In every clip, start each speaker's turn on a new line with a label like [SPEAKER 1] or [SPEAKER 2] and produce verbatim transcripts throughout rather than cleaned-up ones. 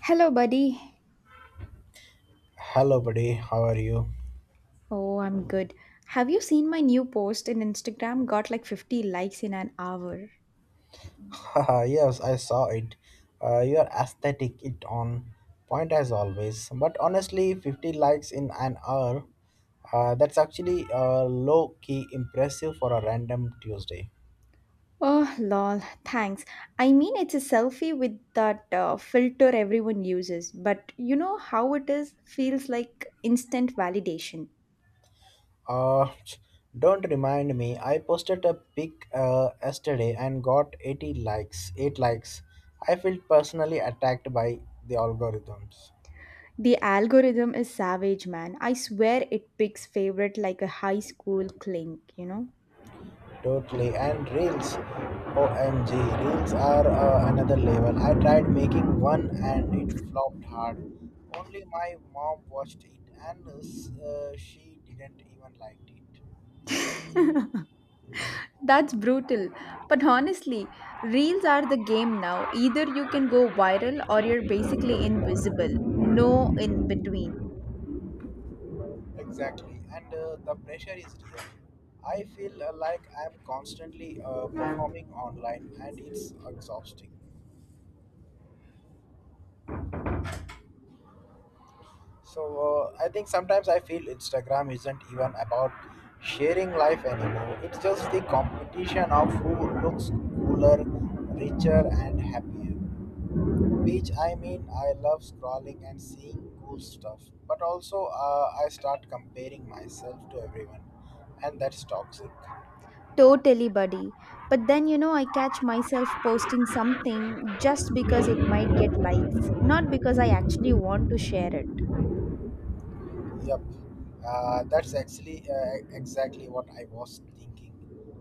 [SPEAKER 1] Hello, buddy.
[SPEAKER 2] Hello, buddy. How are you?
[SPEAKER 1] Oh, I'm good. Have you seen my new post in Instagram? Got like fifty likes in an hour.
[SPEAKER 2] Haha, yes, I saw it. Uh, your aesthetic it on point as always. But honestly, fifty likes in an hour, uh, that's actually uh, low key impressive for a random Tuesday.
[SPEAKER 1] Oh, lol. Thanks. I mean, it's a selfie with that uh, filter everyone uses, but you know how it is? Feels like instant validation.
[SPEAKER 2] Uh, don't remind me. I posted a pic uh, yesterday and got eighty likes. eight likes. I feel personally attacked by the algorithms.
[SPEAKER 1] The algorithm is savage, man. I swear it picks favorite like a high school clink, you know?
[SPEAKER 2] Totally. And reels, O M G, reels are uh, another level. I tried making one and it flopped hard. Only my mom watched it, and uh, she didn't even like it.
[SPEAKER 1] That's brutal. But honestly, reels are the game now. Either you can go viral or you're basically invisible. No in between.
[SPEAKER 2] Exactly. And uh, the pressure is real. I feel uh, like I'm constantly uh, performing online, and it's exhausting. So uh, I think sometimes I feel Instagram isn't even about sharing life anymore. It's just the competition of who looks cooler, richer, and happier. Which, I mean, I love scrolling and seeing cool stuff, but also uh, I start comparing myself to everyone, and that's toxic.
[SPEAKER 1] Totally, buddy. But then, you know, I catch myself posting something just because it might get likes, not because I actually want to share it.
[SPEAKER 2] Yep, uh, that's actually uh, exactly what I was thinking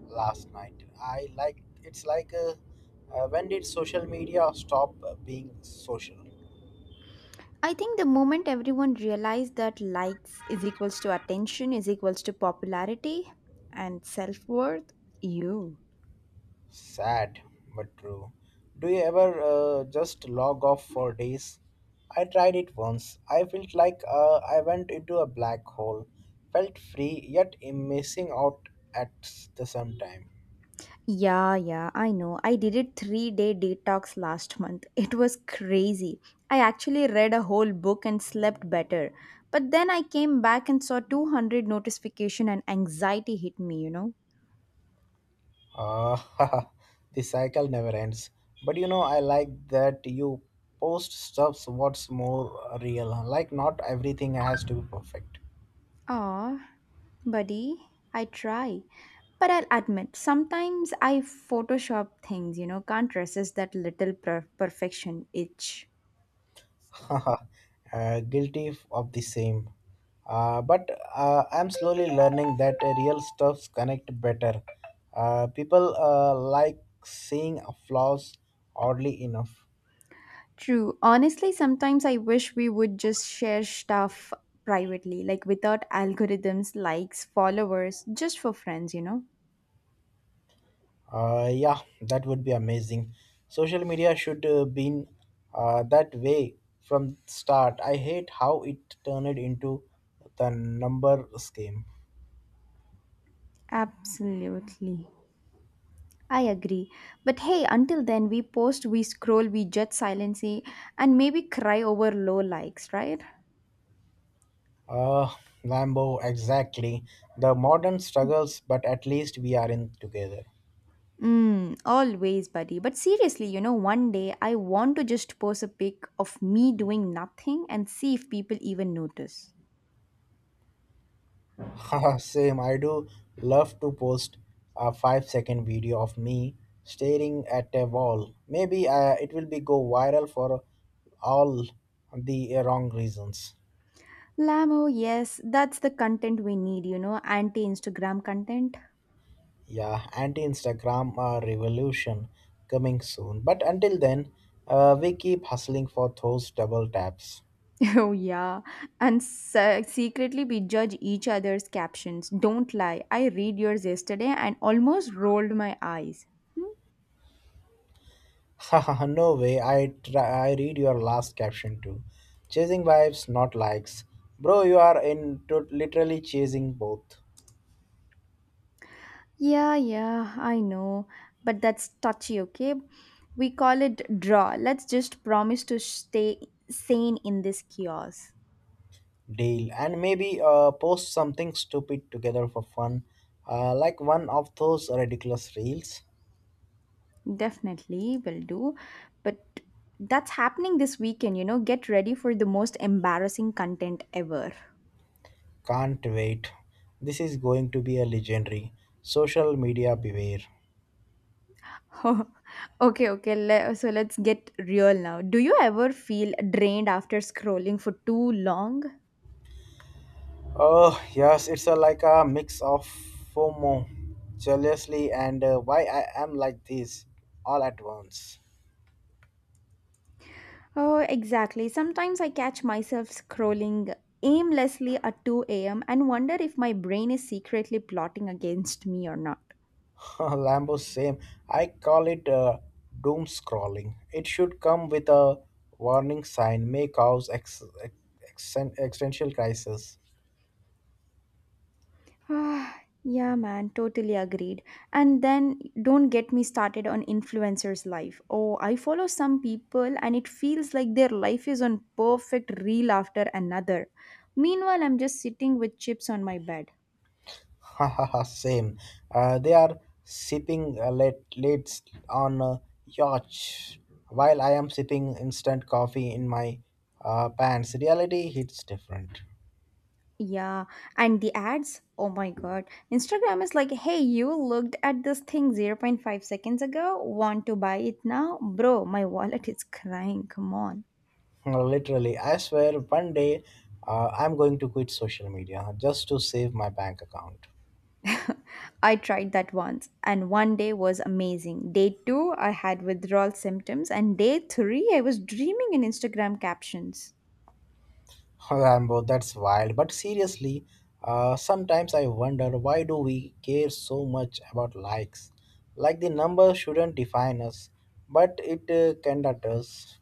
[SPEAKER 2] last night. I, like, it's like, uh, uh, when did social media stop uh, being social?
[SPEAKER 1] I think the moment everyone realized that likes is equals to attention is equals to popularity and self worth, you.
[SPEAKER 2] Sad but true. Do you ever uh, just log off for days? I tried it once. I felt like uh, I went into a black hole, felt free yet am missing out at s- the same time.
[SPEAKER 1] Yeah, yeah, I know. I did a three day detox last month. It was crazy. I actually read a whole book and slept better. But then I came back and saw two hundred notification and anxiety hit me, you know.
[SPEAKER 2] Ah, the cycle never ends. But you know, I like that you post stuffs what's more real. Like, not everything has to be perfect.
[SPEAKER 1] Aw, buddy, I try. But I'll admit, sometimes I Photoshop things, you know, can't resist that little per- perfection itch.
[SPEAKER 2] Uh, guilty of the same. Uh, but uh, I'm slowly learning that real stuffs connect better. Uh, people uh, like seeing flaws oddly enough.
[SPEAKER 1] True. Honestly, sometimes I wish we would just share stuff privately, like without algorithms, likes, followers, just for friends, you know?
[SPEAKER 2] Uh, yeah, that would be amazing. Social media should uh, been uh, that way from start. I hate how it turned into the number scheme.
[SPEAKER 1] Absolutely. I agree. But hey, until then, we post, we scroll, we judge silently, and maybe cry over low likes, right?
[SPEAKER 2] Uh, Lambo, exactly. The modern struggles, but at least we are in together.
[SPEAKER 1] Mm, always, buddy. But seriously, you know, one day I want to just post a pic of me doing nothing and see if people even notice.
[SPEAKER 2] Same, I do love to post a five second video of me staring at a wall. Maybe uh, it will be go viral for all the wrong reasons.
[SPEAKER 1] Lamo, yes, that's the content we need, you know, anti Instagram content.
[SPEAKER 2] Yeah, anti Instagram uh, revolution coming soon. But until then, uh, we keep hustling for those double taps.
[SPEAKER 1] Oh, yeah. And se- secretly, we judge each other's captions. Don't lie. I read yours yesterday and almost rolled my eyes.
[SPEAKER 2] Haha, no way. I try, I read your last caption too. Chasing vibes, not likes. Bro, you are in to literally chasing both.
[SPEAKER 1] Yeah, yeah, I know. But that's touchy, okay? We call it draw. Let's just promise to stay sane in this chaos.
[SPEAKER 2] Deal. And maybe uh, post something stupid together for fun. Uh, like one of those ridiculous reels.
[SPEAKER 1] Definitely will do. But that's happening this weekend, you know. Get ready for the most embarrassing content ever.
[SPEAKER 2] Can't wait. This is going to be a legendary. Social media beware.
[SPEAKER 1] Okay, okay. Le- so let's get real now. Do you ever feel drained after scrolling for too long?
[SPEAKER 2] Oh, yes, it's a, like a mix of FOMO, jealously, and uh, why I am like this all at once.
[SPEAKER 1] Oh, exactly. Sometimes I catch myself scrolling aimlessly at two a m and wonder if my brain is secretly plotting against me or not.
[SPEAKER 2] Lambo, same. I call it uh, doom scrolling. It should come with a warning sign, may cause ex- ex- existential crisis.
[SPEAKER 1] Ah, yeah, man, totally agreed. And then don't get me started on influencers' life. Oh, I follow some people and it feels like their life is on perfect reel after another. Meanwhile, I'm just sitting with chips on my bed.
[SPEAKER 2] Hahaha, same. Uh, they are sipping uh, late, lates on a yacht while I am sipping instant coffee in my uh, pants. Reality hits different.
[SPEAKER 1] Yeah, and the ads? Oh my god. Instagram is like, hey, you looked at this thing zero point zero point five seconds ago, want to buy it now? Bro, my wallet is crying, come on.
[SPEAKER 2] No, literally, I swear one day, uh, I'm going to quit social media just to save my bank account.
[SPEAKER 1] I tried that once, and one day was amazing. Day two, I had withdrawal symptoms, and day three, I was dreaming in Instagram captions.
[SPEAKER 2] Rambo, that's wild. But seriously, uh, sometimes I wonder, why do we care so much about likes? Like, the number shouldn't define us, but it uh, can that us.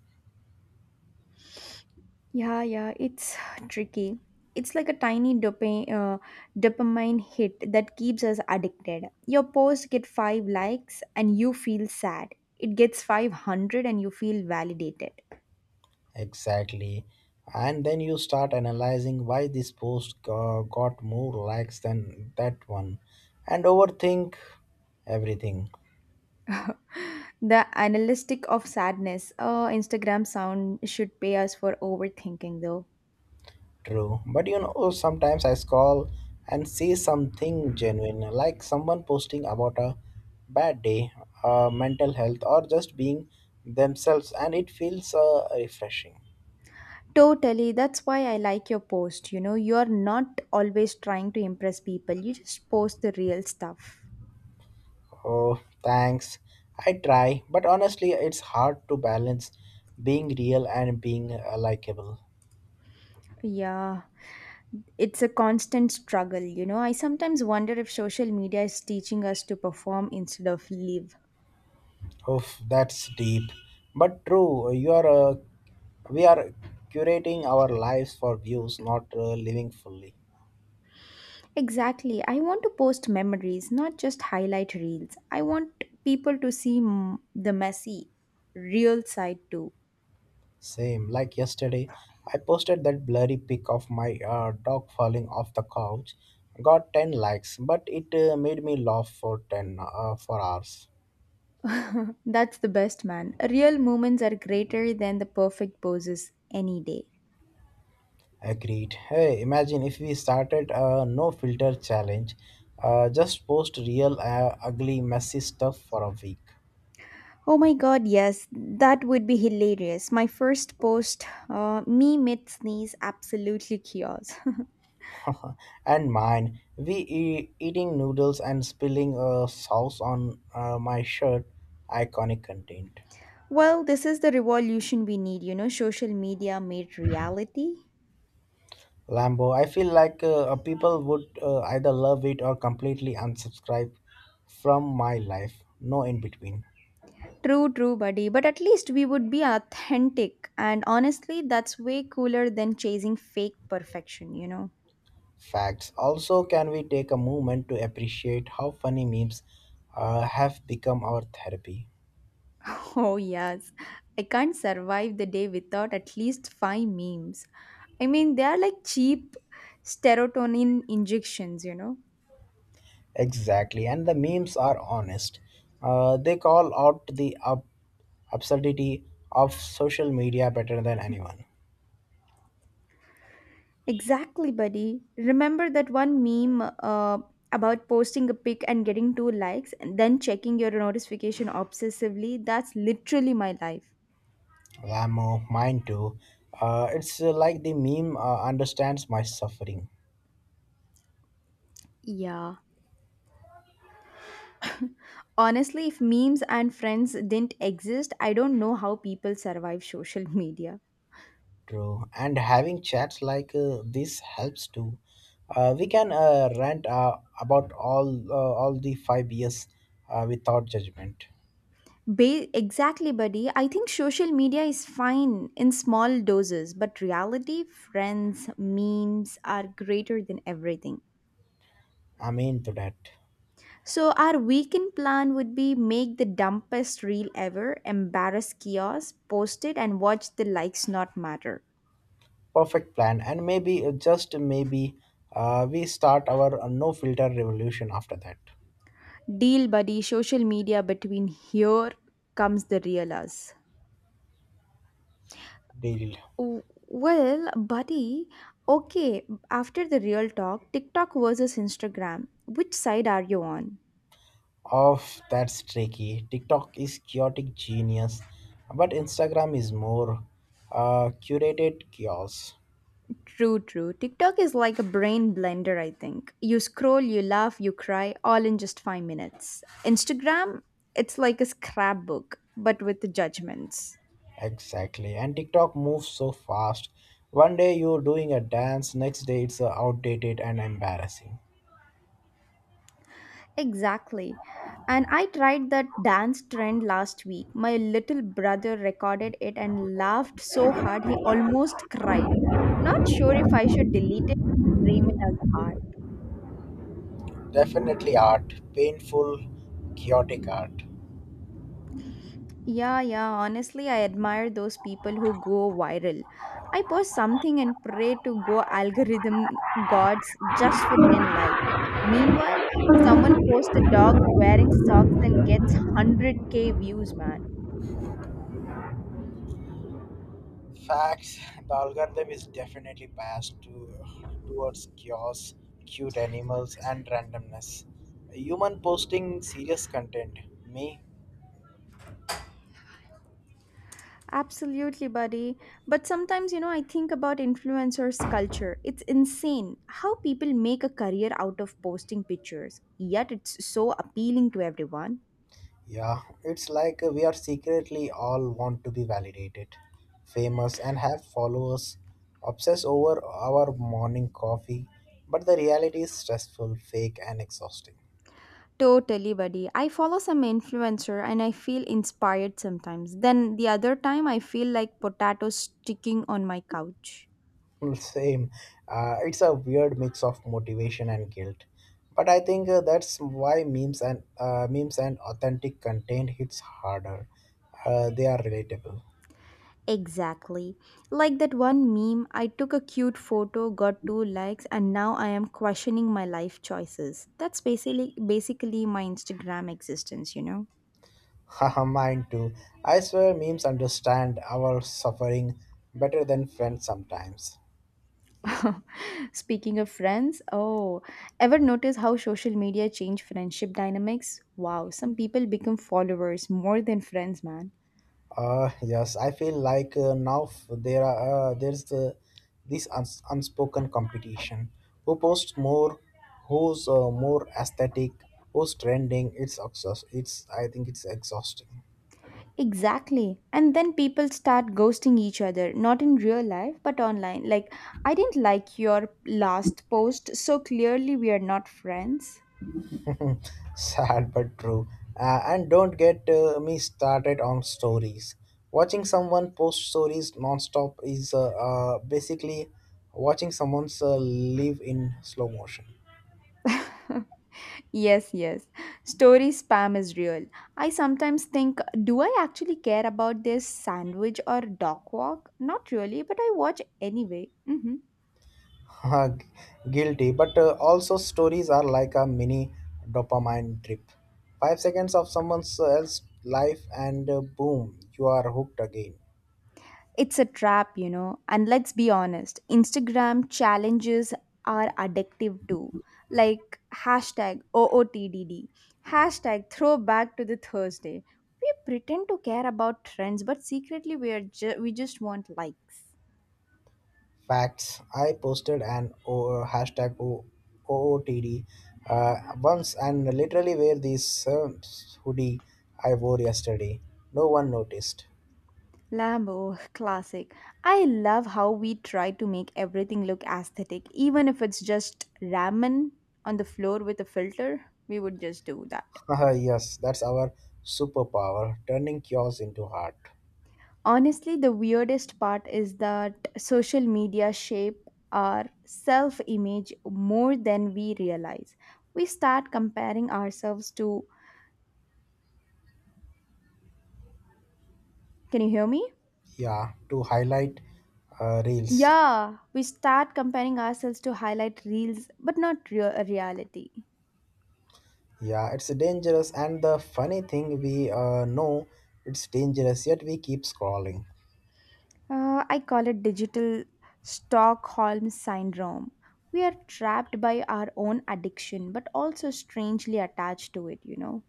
[SPEAKER 1] Yeah, yeah, it's tricky. It's like a tiny dopa- uh, dopamine hit that keeps us addicted. Your post get five likes and you feel sad. It gets five hundred and you feel validated.
[SPEAKER 2] Exactly. And then you start analyzing why this post uh, got more likes than that one and overthink everything.
[SPEAKER 1] The analytic of sadness. Oh, Instagram sound should pay us for overthinking though.
[SPEAKER 2] True, but you know, sometimes I scroll and see something genuine, like someone posting about a bad day, uh, mental health, or just being themselves, and it feels uh, refreshing.
[SPEAKER 1] Totally. That's why I like your post. You know, you're not always trying to impress people, you just post the real stuff.
[SPEAKER 2] Oh, thanks. I try, but honestly, it's hard to balance being real and being uh, likable.
[SPEAKER 1] Yeah, it's a constant struggle. You know, I sometimes wonder if social media is teaching us to perform instead of live.
[SPEAKER 2] Oof, that's deep, but true. You are, uh, we are curating our lives for views, not uh, living fully.
[SPEAKER 1] Exactly. I want to post memories, not just highlight reels. I want people to see m- the messy, real side too.
[SPEAKER 2] Same. Like yesterday, I posted that blurry pic of my uh, dog falling off the couch. Got ten likes, but it uh, made me laugh for ten uh, for hours.
[SPEAKER 1] That's the best, man. Real moments are greater than the perfect poses any day.
[SPEAKER 2] Agreed. Hey, imagine if we started a no filter challenge. Uh, just post real, uh, ugly, messy stuff for a week.
[SPEAKER 1] Oh my god, yes, that would be hilarious. My first post, uh, me mid sneeze, absolutely chaos.
[SPEAKER 2] And mine. We e- eating noodles and spilling uh, sauce on uh, my shirt. Iconic content.
[SPEAKER 1] Well, this is the revolution we need, you know, social media made reality.
[SPEAKER 2] Lambo. I feel like uh, uh, people would uh, either love it or completely unsubscribe from my life. No in between.
[SPEAKER 1] True, true, buddy, but at least we would be authentic, and honestly, that's way cooler than chasing fake perfection, you know.
[SPEAKER 2] Facts. Also, can we take a moment to appreciate how funny memes uh, have become our therapy?
[SPEAKER 1] Oh, yes, I can't survive the day without at least five memes. I mean, they are like cheap serotonin injections, you know.
[SPEAKER 2] Exactly. And the memes are honest. Uh, they call out the ab- absurdity of social media better than anyone.
[SPEAKER 1] Exactly, buddy. Remember that one meme uh, about posting a pic and getting two likes and then checking your notification obsessively? That's literally my life.
[SPEAKER 2] Lamo, mine too. Uh, it's uh, like the meme uh, understands my suffering.
[SPEAKER 1] Yeah. Honestly, if memes and friends didn't exist, I don't know how people survive social media.
[SPEAKER 2] True. And having chats like uh, this helps too. Uh, we can uh, rant uh, about all uh, all the five years uh, without judgment.
[SPEAKER 1] Ba- exactly, buddy. I think social media is fine in small doses, but reality, friends, memes are greater than everything.
[SPEAKER 2] I'm into that.
[SPEAKER 1] So our weekend plan would be make the dumbest reel ever, embarrass chaos, post it and watch the likes not matter.
[SPEAKER 2] Perfect plan. And maybe, uh, just maybe, uh, we start our uh, no filter revolution after that.
[SPEAKER 1] Deal buddy, social media between here comes the real us.
[SPEAKER 2] Deal.
[SPEAKER 1] W- Well, buddy, okay, after the real talk, TikTok versus Instagram, which side are you on?
[SPEAKER 2] Of, that's tricky. TikTok is chaotic genius, but Instagram is more uh, curated chaos.
[SPEAKER 1] True, true. TikTok is like a brain blender, I think. You scroll, you laugh, you cry, all in just five minutes. Instagram, it's like a scrapbook, but with judgments.
[SPEAKER 2] Exactly. And TikTok moves so fast. One day you're doing a dance, next day it's uh, outdated and embarrassing.
[SPEAKER 1] Exactly. And I tried that dance trend last week. My little brother recorded it and laughed so hard he almost cried. Not sure if I should delete it, frame it as art.
[SPEAKER 2] Definitely art. Painful, chaotic art.
[SPEAKER 1] Yeah, yeah. Honestly, I admire those people who go viral. I post something and pray to go algorithm gods just for ten likes. Meanwhile, someone posts a dog wearing socks and gets one hundred k views, man.
[SPEAKER 2] Facts. The algorithm is definitely biased to, uh, towards chaos, cute animals, and randomness. Human posting serious content. Me.
[SPEAKER 1] Absolutely, buddy. But sometimes, you know, I think about influencers' culture. It's insane how people make a career out of posting pictures, yet it's so appealing to everyone.
[SPEAKER 2] Yeah, it's like we are secretly all want to be validated, famous, and have followers, obsess over our morning coffee, but the reality is stressful, fake, and exhausting.
[SPEAKER 1] Totally, buddy. I follow some influencer and I feel inspired sometimes. Then the other time, I feel like potatoes sticking on my couch.
[SPEAKER 2] Same. Uh, it's a weird mix of motivation and guilt. But I think uh, that's why memes and uh, memes and authentic content hits harder. Uh, they are relatable.
[SPEAKER 1] Exactly. Like that one meme, I took a cute photo, got two likes, and now I am questioning my life choices. That's basically basically my Instagram existence, you know.
[SPEAKER 2] Haha, mine too. I swear memes understand our suffering better than friends sometimes.
[SPEAKER 1] Speaking of friends, oh, ever notice how social media change friendship dynamics? Wow, some people become followers more than friends, man.
[SPEAKER 2] Uh, yes, I feel like uh, now f- there are uh, there's uh, this uns- unspoken competition. Who posts more? Who's uh, more aesthetic? Who's trending? It's exhaust. It's I think it's exhausting.
[SPEAKER 1] Exactly. And then people start ghosting each other, not in real life, but online. Like, I didn't like your last post, so clearly we are not friends.
[SPEAKER 2] Sad but true. Uh, and don't get uh, me started on stories. Watching someone post stories nonstop is uh, uh, basically watching someone's uh, live in slow motion.
[SPEAKER 1] Yes, yes. Story spam is real. I sometimes think, do I actually care about this sandwich or dog walk? Not really, but I watch anyway. Mhm.
[SPEAKER 2] Gu- Guilty, but uh, also stories are like a mini dopamine trip. Five seconds of someone else's life, and uh, boom, you are hooked again.
[SPEAKER 1] It's a trap, you know. And let's be honest, Instagram challenges are addictive too. Like hashtag O O T D D, hashtag throwback to the Thursday. We pretend to care about trends, but secretly we are ju- we just want likes.
[SPEAKER 2] Facts. I posted an o- hashtag o- OOTD uh, once and literally wear this um, hoodie I wore yesterday. No one noticed.
[SPEAKER 1] Lambo, classic. I love how we try to make everything look aesthetic, even if it's just ramen on the floor with a filter. We would just do that.
[SPEAKER 2] Haha, yes, that's our superpower, turning chaos into heart.
[SPEAKER 1] Honestly, the weirdest part is that social media shape our self-image more than we realize. We start comparing ourselves to. Can you hear me?
[SPEAKER 2] Yeah, to highlight uh, reels.
[SPEAKER 1] Yeah, we start comparing ourselves to highlight reels but not real uh, reality.
[SPEAKER 2] Yeah, it's dangerous, and the funny thing, we uh, know it's dangerous, yet we keep scrolling.
[SPEAKER 1] Uh, I call it digital Stockholm syndrome. We are trapped by our own addiction but also strangely attached to it, you know.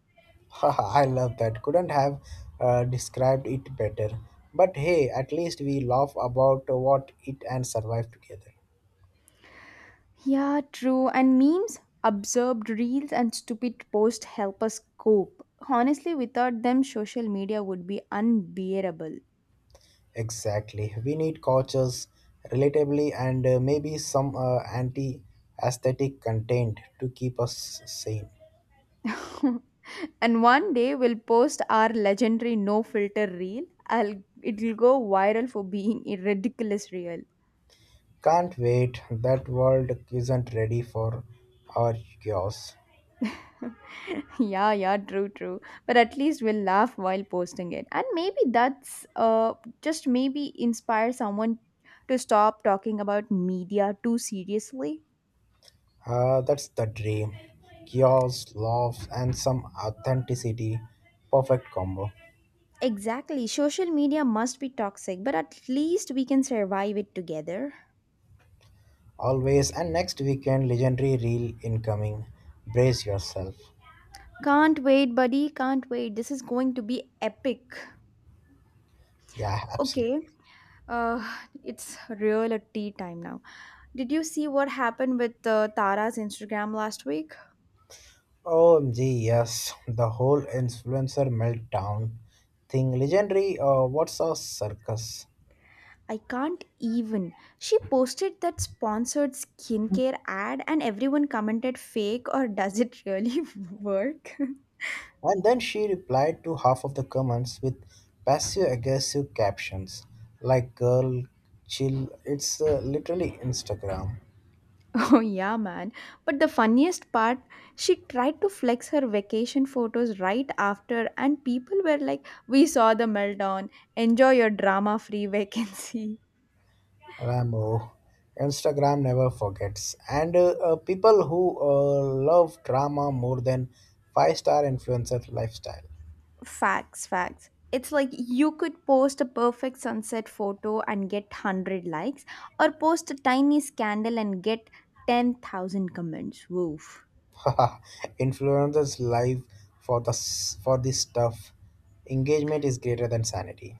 [SPEAKER 2] Haha, I love that. Couldn't have uh, described it better. But hey, at least we laugh about what it and survive together.
[SPEAKER 1] Yeah, true. And memes, absurd reels, and stupid posts help us cope. Honestly, without them, social media would be unbearable.
[SPEAKER 2] Exactly. We need coaches, relatably, and uh, maybe some uh, anti aesthetic content to keep us sane.
[SPEAKER 1] And one day, we'll post our legendary no filter reel. I'll, it'll go viral for being a ridiculous reel.
[SPEAKER 2] Can't wait. That world isn't ready for our chaos.
[SPEAKER 1] Yeah, yeah, true, true. But at least we'll laugh while posting it. And maybe that's uh, just maybe inspire someone to stop talking about media too seriously.
[SPEAKER 2] Uh, that's the dream. Chaos, laughs, and some authenticity. Perfect combo.
[SPEAKER 1] Exactly. Social media must be toxic, but at least we can survive it together.
[SPEAKER 2] Always, and next weekend, legendary reel incoming. Brace yourself.
[SPEAKER 1] Can't wait, buddy. Can't wait. This is going to be epic.
[SPEAKER 2] Yeah,
[SPEAKER 1] Okay.
[SPEAKER 2] absolutely.
[SPEAKER 1] Uh, it's real at tea time now. Did you see what happened with uh, Tara's Instagram last week?
[SPEAKER 2] O M G, yes, the whole influencer meltdown thing. Legendary, uh, what's a circus?
[SPEAKER 1] I can't even. She posted that sponsored skincare ad, and everyone commented fake or does it really work?
[SPEAKER 2] And then she replied to half of the comments with passive aggressive captions like, girl, chill. It's uh, literally Instagram.
[SPEAKER 1] Oh, yeah, man. But the funniest part, she tried to flex her vacation photos right after, and people were like, We saw the meltdown. Enjoy your drama free vacancy.
[SPEAKER 2] Rambo. Instagram never forgets. And uh, uh, people who uh, love drama more than five star influencer lifestyle.
[SPEAKER 1] Facts, facts. It's like you could post a perfect sunset photo and get one hundred likes, or post a tiny scandal and get ten thousand comments. Woof.
[SPEAKER 2] Influencers live for the s- for this stuff. Engagement is greater than sanity.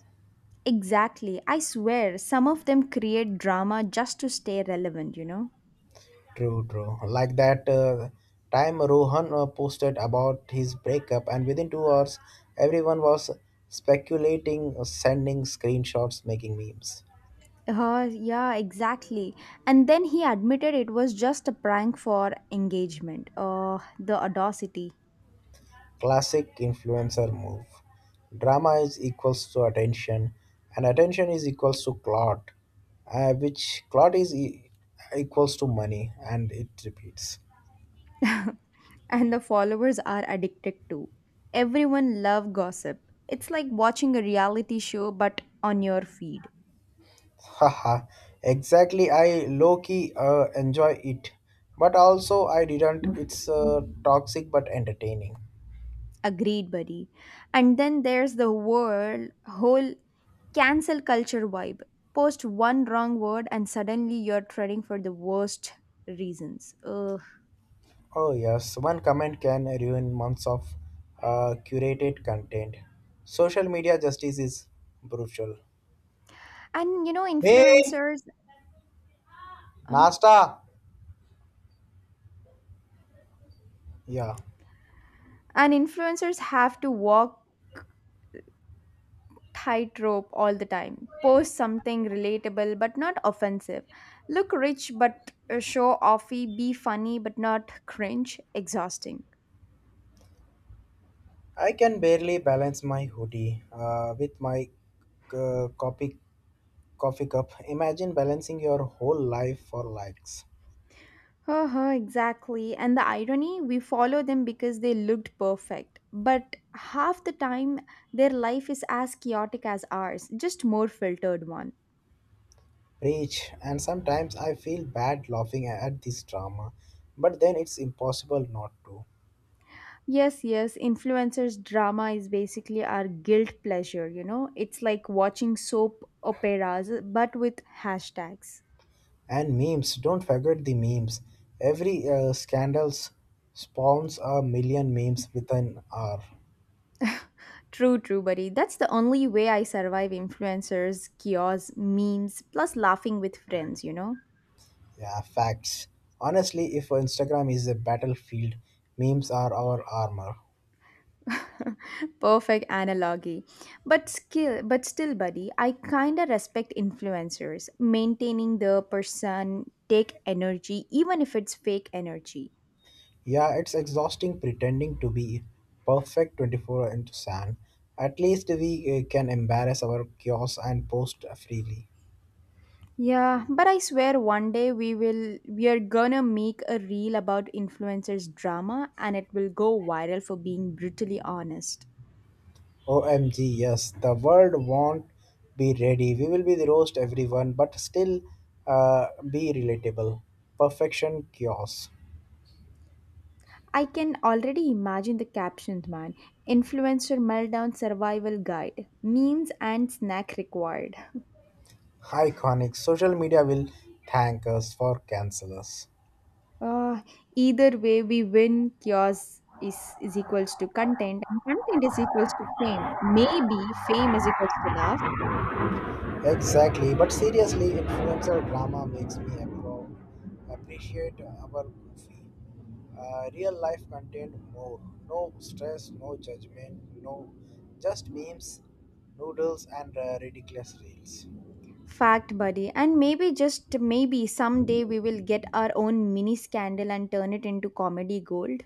[SPEAKER 1] Exactly. I swear, some of them create drama just to stay relevant, you know?
[SPEAKER 2] True, true. Like that uh, time Rohan uh, posted about his breakup, and within two hours, everyone was speculating, uh, sending screenshots, making memes.
[SPEAKER 1] Uh, yeah, exactly. And then he admitted it was just a prank for engagement. Uh, the audacity.
[SPEAKER 2] Classic influencer move. Drama is equals to attention, and attention is equals to clout, uh, which clout is e- equals to money, and it repeats.
[SPEAKER 1] And the followers are addicted to. Everyone love gossip. It's like watching a reality show but on your feed.
[SPEAKER 2] Haha, exactly. I low key uh, enjoy it, but also I didn't. It's uh, toxic but entertaining.
[SPEAKER 1] Agreed, buddy. And then there's the world whole cancel culture vibe. Post one wrong word and suddenly you're trending for the worst reasons. Ugh.
[SPEAKER 2] Oh, yes, one comment can ruin months of uh, curated content. Social media justice is brutal.
[SPEAKER 1] And you know,
[SPEAKER 2] Me,
[SPEAKER 1] influencers. Oh.
[SPEAKER 2] Nasta. Yeah,
[SPEAKER 1] And influencers have to walk tightrope all the time. Post something relatable but not offensive, look rich but uh, show offy, be funny but not cringe. Exhausting.
[SPEAKER 2] I can barely balance my hoodie uh, with my uh, coffee coffee cup. Imagine balancing your whole life for likes.
[SPEAKER 1] Uh exactly. And the irony, we follow them because they looked perfect but half the time their life is as chaotic as ours, just more filtered one.
[SPEAKER 2] Preach, and sometimes I feel bad laughing at this drama, but then it's impossible not to.
[SPEAKER 1] Yes, yes. Influencers' drama is basically our guilt pleasure, you know? It's like watching soap operas but with hashtags.
[SPEAKER 2] And memes, don't forget the memes. Every uh, scandals spawns a million memes with an R.
[SPEAKER 1] True, true, buddy. That's the only way I survive influencers, kiosks, memes, plus laughing with friends, you know?
[SPEAKER 2] Yeah, facts. Honestly, if Instagram is a battlefield, memes are our armor.
[SPEAKER 1] Perfect analogy. But skill but still, buddy, I kinda respect influencers. Maintaining the person take energy, even if it's fake energy.
[SPEAKER 2] Yeah, it's exhausting pretending to be perfect twenty-four into seven. At least we uh, can embarrass our chaos and post freely.
[SPEAKER 1] Yeah, but I swear one day we will we are gonna make a reel about influencers drama and it will go viral for being brutally honest.
[SPEAKER 2] O M G, yes, the world won't be ready. We will be the roast everyone, but still uh, be relatable. Perfection chaos.
[SPEAKER 1] I can already imagine the captions, man. Influencer meltdown survival guide. Memes and snack required.
[SPEAKER 2] Iconic. Social media will thank us for cancel us.
[SPEAKER 1] Uh, Either way we win. Chaos is, is equals to content and content is equals to fame. Maybe fame is equals to love.
[SPEAKER 2] Exactly, but seriously, influencer drama makes me appro- appreciate our goofy, Uh, real life contained more. No stress, no judgment, no, just memes, noodles, and uh, ridiculous reels.
[SPEAKER 1] Fact, buddy. And maybe, just maybe, someday we will get our own mini scandal and turn it into comedy gold.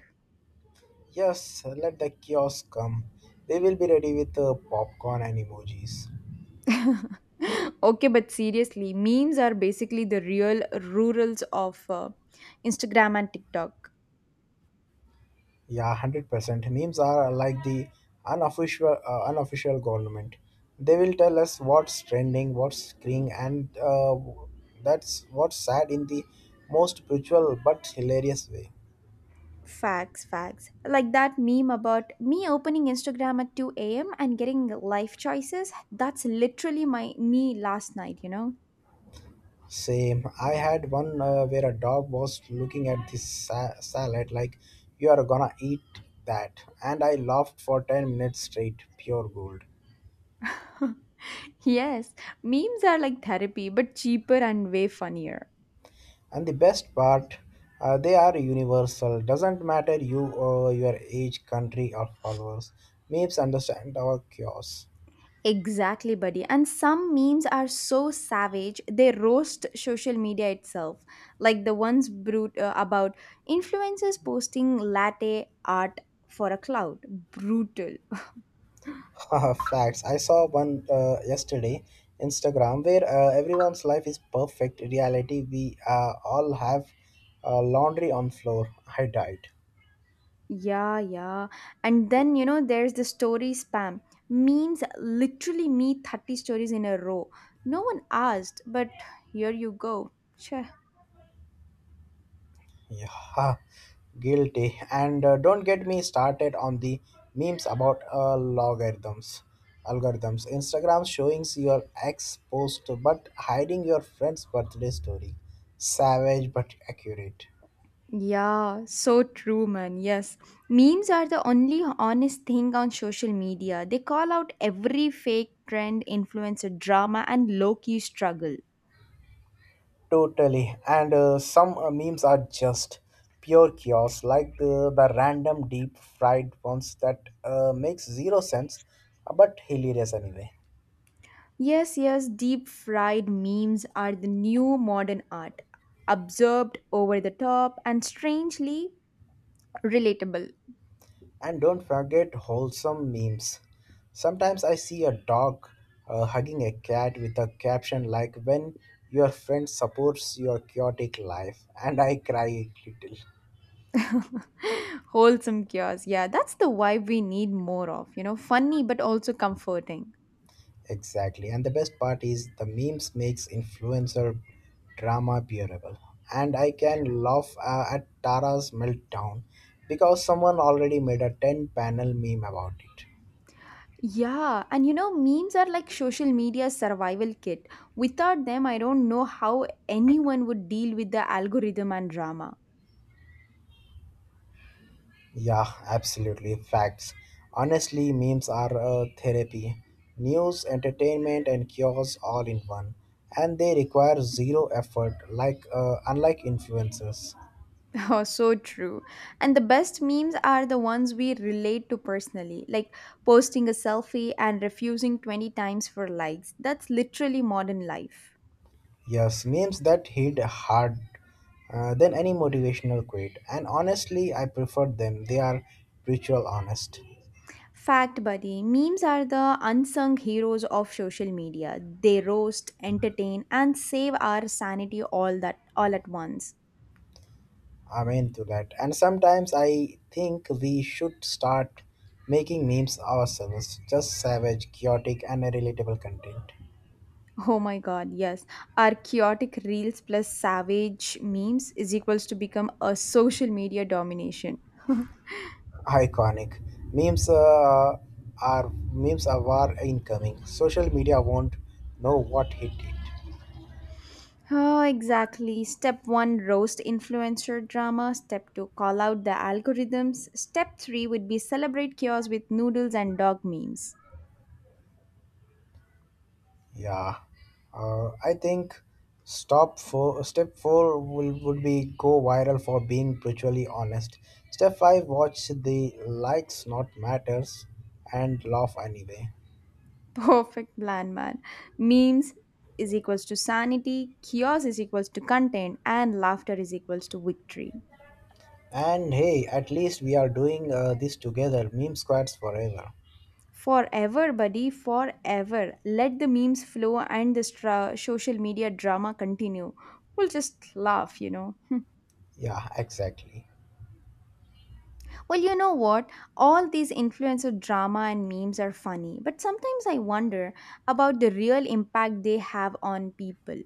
[SPEAKER 2] Yes, let the kiosk come. They will be ready with uh, popcorn and emojis.
[SPEAKER 1] Okay, but seriously, memes are basically the real rurals of uh, Instagram and TikTok.
[SPEAKER 2] Yeah, one hundred percent. Memes are uh, like the unofficial, uh, unofficial government. They will tell us what's trending, what's screwing, and uh, that's what's sad in the most brutal but hilarious way.
[SPEAKER 1] Facts, facts. Like that meme about me opening Instagram at two a m and getting life choices. That's literally my me last night, you know?
[SPEAKER 2] Same. I had one uh, where a dog was looking at this sa- salad like, you are gonna eat that. And I laughed for ten minutes straight. Pure gold.
[SPEAKER 1] Yes, memes are like therapy, but cheaper and way funnier.
[SPEAKER 2] And the best part, uh, they are universal. Doesn't matter you or your age, country, or followers. Memes understand our chaos.
[SPEAKER 1] Exactly, buddy. And some memes are so savage, they roast social media itself. Like the ones brut- uh, about influencers posting latte art for a cloud. Brutal.
[SPEAKER 2] Facts. I saw one uh, yesterday, Instagram, where uh, everyone's life is perfect. Reality, we uh, all have uh, laundry on floor. I died.
[SPEAKER 1] Yeah, yeah. And then, you know, there's the story spam. Memes literally me thirty stories in a row. No one asked, but here you go. Sure.
[SPEAKER 2] Yeah, guilty. And uh, don't get me started on the memes about uh, logarithms. Algorithms. Instagram showing your ex post but hiding your friend's birthday story. Savage but accurate.
[SPEAKER 1] Yeah, so true, man. Yes. Memes are the only honest thing on social media. They call out every fake trend, influencer drama, and low key struggle.
[SPEAKER 2] Totally. And uh, some uh, memes are just pure chaos, like the, the random deep fried ones that uh, makes zero sense, uh, but hilarious anyway.
[SPEAKER 1] Yes, yes, deep fried memes are the new modern art. Observed, over the top, and strangely relatable.
[SPEAKER 2] And don't forget wholesome memes. Sometimes I see a dog uh, hugging a cat with a caption like, When your friend supports your chaotic life, and I cry a little.
[SPEAKER 1] Wholesome cures. Yeah, that's the vibe we need more of. You know, funny but also comforting.
[SPEAKER 2] Exactly. And the best part is the memes makes influencer drama bearable. And I can laugh uh, at Tara's meltdown because someone already made a ten panel meme about it.
[SPEAKER 1] Yeah, and you know, memes are like social media survival kit. Without them, I don't know how anyone would deal with the algorithm and drama.
[SPEAKER 2] Yeah, absolutely. Facts. Honestly, memes are a therapy. News, entertainment, and cures all in one. And they require zero effort, like uh, unlike influencers.
[SPEAKER 1] Oh, so true. And the best memes are the ones we relate to personally, like posting a selfie and refusing twenty times for likes. That's literally modern life.
[SPEAKER 2] Yes, memes that hit hard uh, than any motivational quote. And honestly, I prefer them. They are ritual honest.
[SPEAKER 1] Fact, buddy, memes are the unsung heroes of social media. They roast, entertain, and save our sanity all that all at once.
[SPEAKER 2] Amen to that. And sometimes I think we should start making memes ourselves. Just savage, chaotic, and relatable content.
[SPEAKER 1] Oh my god, yes. Our chaotic reels plus savage memes is equals to become a social media domination.
[SPEAKER 2] Iconic memes uh, are memes are war incoming, social media won't know what hit it.
[SPEAKER 1] Oh, exactly. Step one, roast influencer drama. Step two, call out the algorithms. Step three would be celebrate chaos with noodles and dog memes.
[SPEAKER 2] Yeah, uh, I think stop four step four will, would be go viral for being brutally honest. Step five, watch the likes not matters and laugh anyway.
[SPEAKER 1] Perfect plan, man. Memes is equals to sanity, chaos is equals to content, and laughter is equals to victory.
[SPEAKER 2] And hey, at least we are doing uh, this together. Meme squads forever.
[SPEAKER 1] Forever, buddy, forever. Let the memes flow and the stra- social media drama continue. We'll just laugh, you know.
[SPEAKER 2] Yeah, exactly.
[SPEAKER 1] Well, you know what? All these influencer drama and memes are funny, but sometimes I wonder about the real impact they have on people.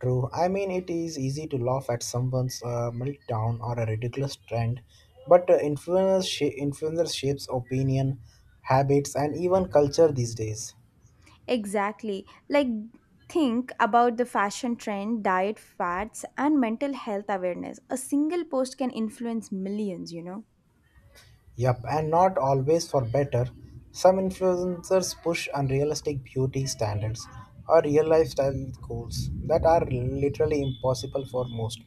[SPEAKER 2] True. I mean, it is easy to laugh at someone's uh, meltdown or a ridiculous trend, but uh, influencers, sh- influencers shapes opinion, habits, and even culture these days.
[SPEAKER 1] Exactly. Like, think about the fashion trend, diet fads, and mental health awareness. A single post can influence millions, you know.
[SPEAKER 2] Yep, and not always for better. Some influencers push unrealistic beauty standards or real lifestyle goals that are literally impossible for most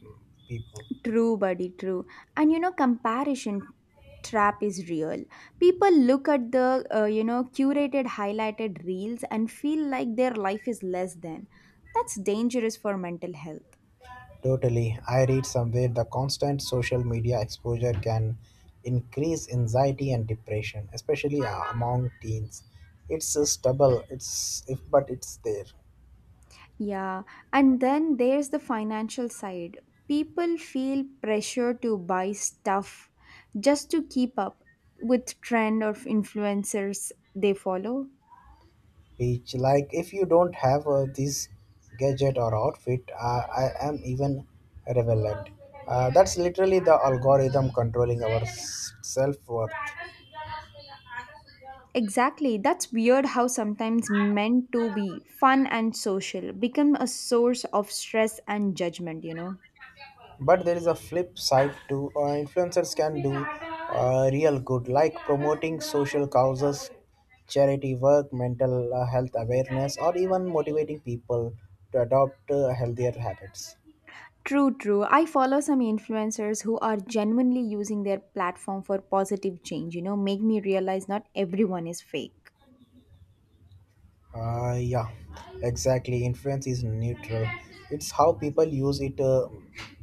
[SPEAKER 2] people.
[SPEAKER 1] True, buddy, true. And you know, comparison trap is real. People look at the, uh, you know, curated, highlighted reels and feel like their life is less than. That's dangerous for mental health.
[SPEAKER 2] Totally. I read somewhere the constant social media exposure can increase anxiety and depression, especially uh, among teens. It's a stubble. It's if but it's there.
[SPEAKER 1] Yeah. And then there's the financial side. People feel pressure to buy stuff just to keep up with trend of influencers they follow.
[SPEAKER 2] Which like if you don't have uh, this gadget or outfit, uh, I am even relevant. Uh, that's literally the algorithm controlling our self worth.
[SPEAKER 1] Exactly. That's weird how sometimes meant to be fun and social become a source of stress and judgment, you know.
[SPEAKER 2] But there is a flip side too. Uh, influencers can do uh, real good, like promoting social causes, charity work, mental uh, health awareness, or even motivating people to adopt uh, healthier habits.
[SPEAKER 1] True, true. I follow some influencers who are genuinely using their platform for positive change, you know, make me realize not everyone is fake.
[SPEAKER 2] Uh, yeah, exactly. Influence is neutral. It's how people use it uh,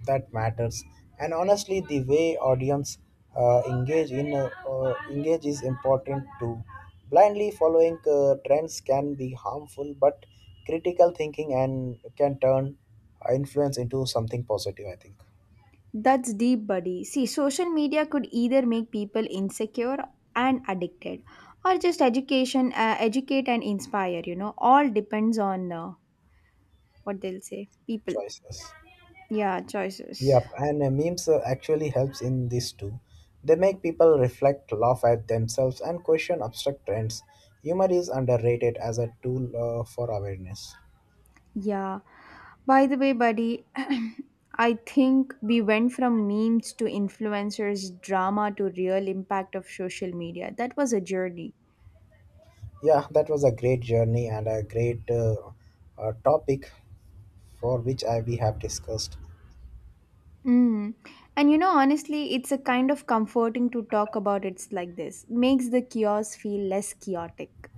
[SPEAKER 2] that matters. And honestly, the way audience uh, engage in uh, uh, engage is important too. Blindly following uh, trends can be harmful, but critical thinking and can turn uh, influence into something positive. I think
[SPEAKER 1] That's deep, buddy. See, social media could either make people insecure and addicted or just education uh, educate and inspire, you know. All depends on uh, what they'll say. People.
[SPEAKER 2] choices.
[SPEAKER 1] Yeah, choices.
[SPEAKER 2] Yep, and uh, memes uh, actually helps in this too. They make people reflect, laugh at themselves, and question abstract trends. Humor is underrated as a tool uh, for awareness.
[SPEAKER 1] Yeah. By the way, buddy, I think we went from memes to influencers, drama to real impact of social media. That was a journey.
[SPEAKER 2] Yeah, that was a great journey and a great uh, uh, topic for which I, we have discussed.
[SPEAKER 1] Mm. And you know, honestly, it's a kind of comforting to talk about it like this. Makes the chaos feel less chaotic.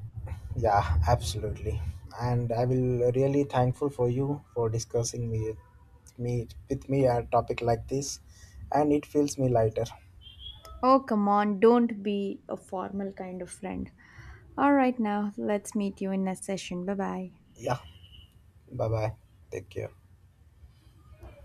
[SPEAKER 2] Yeah, absolutely. And I will really thankful for you for discussing me, me with me a topic like this, and it feels me lighter.
[SPEAKER 1] Oh, come on, don't be a formal kind of friend. All right, now let's meet you in a session. Bye bye.
[SPEAKER 2] Yeah, bye bye. Take care.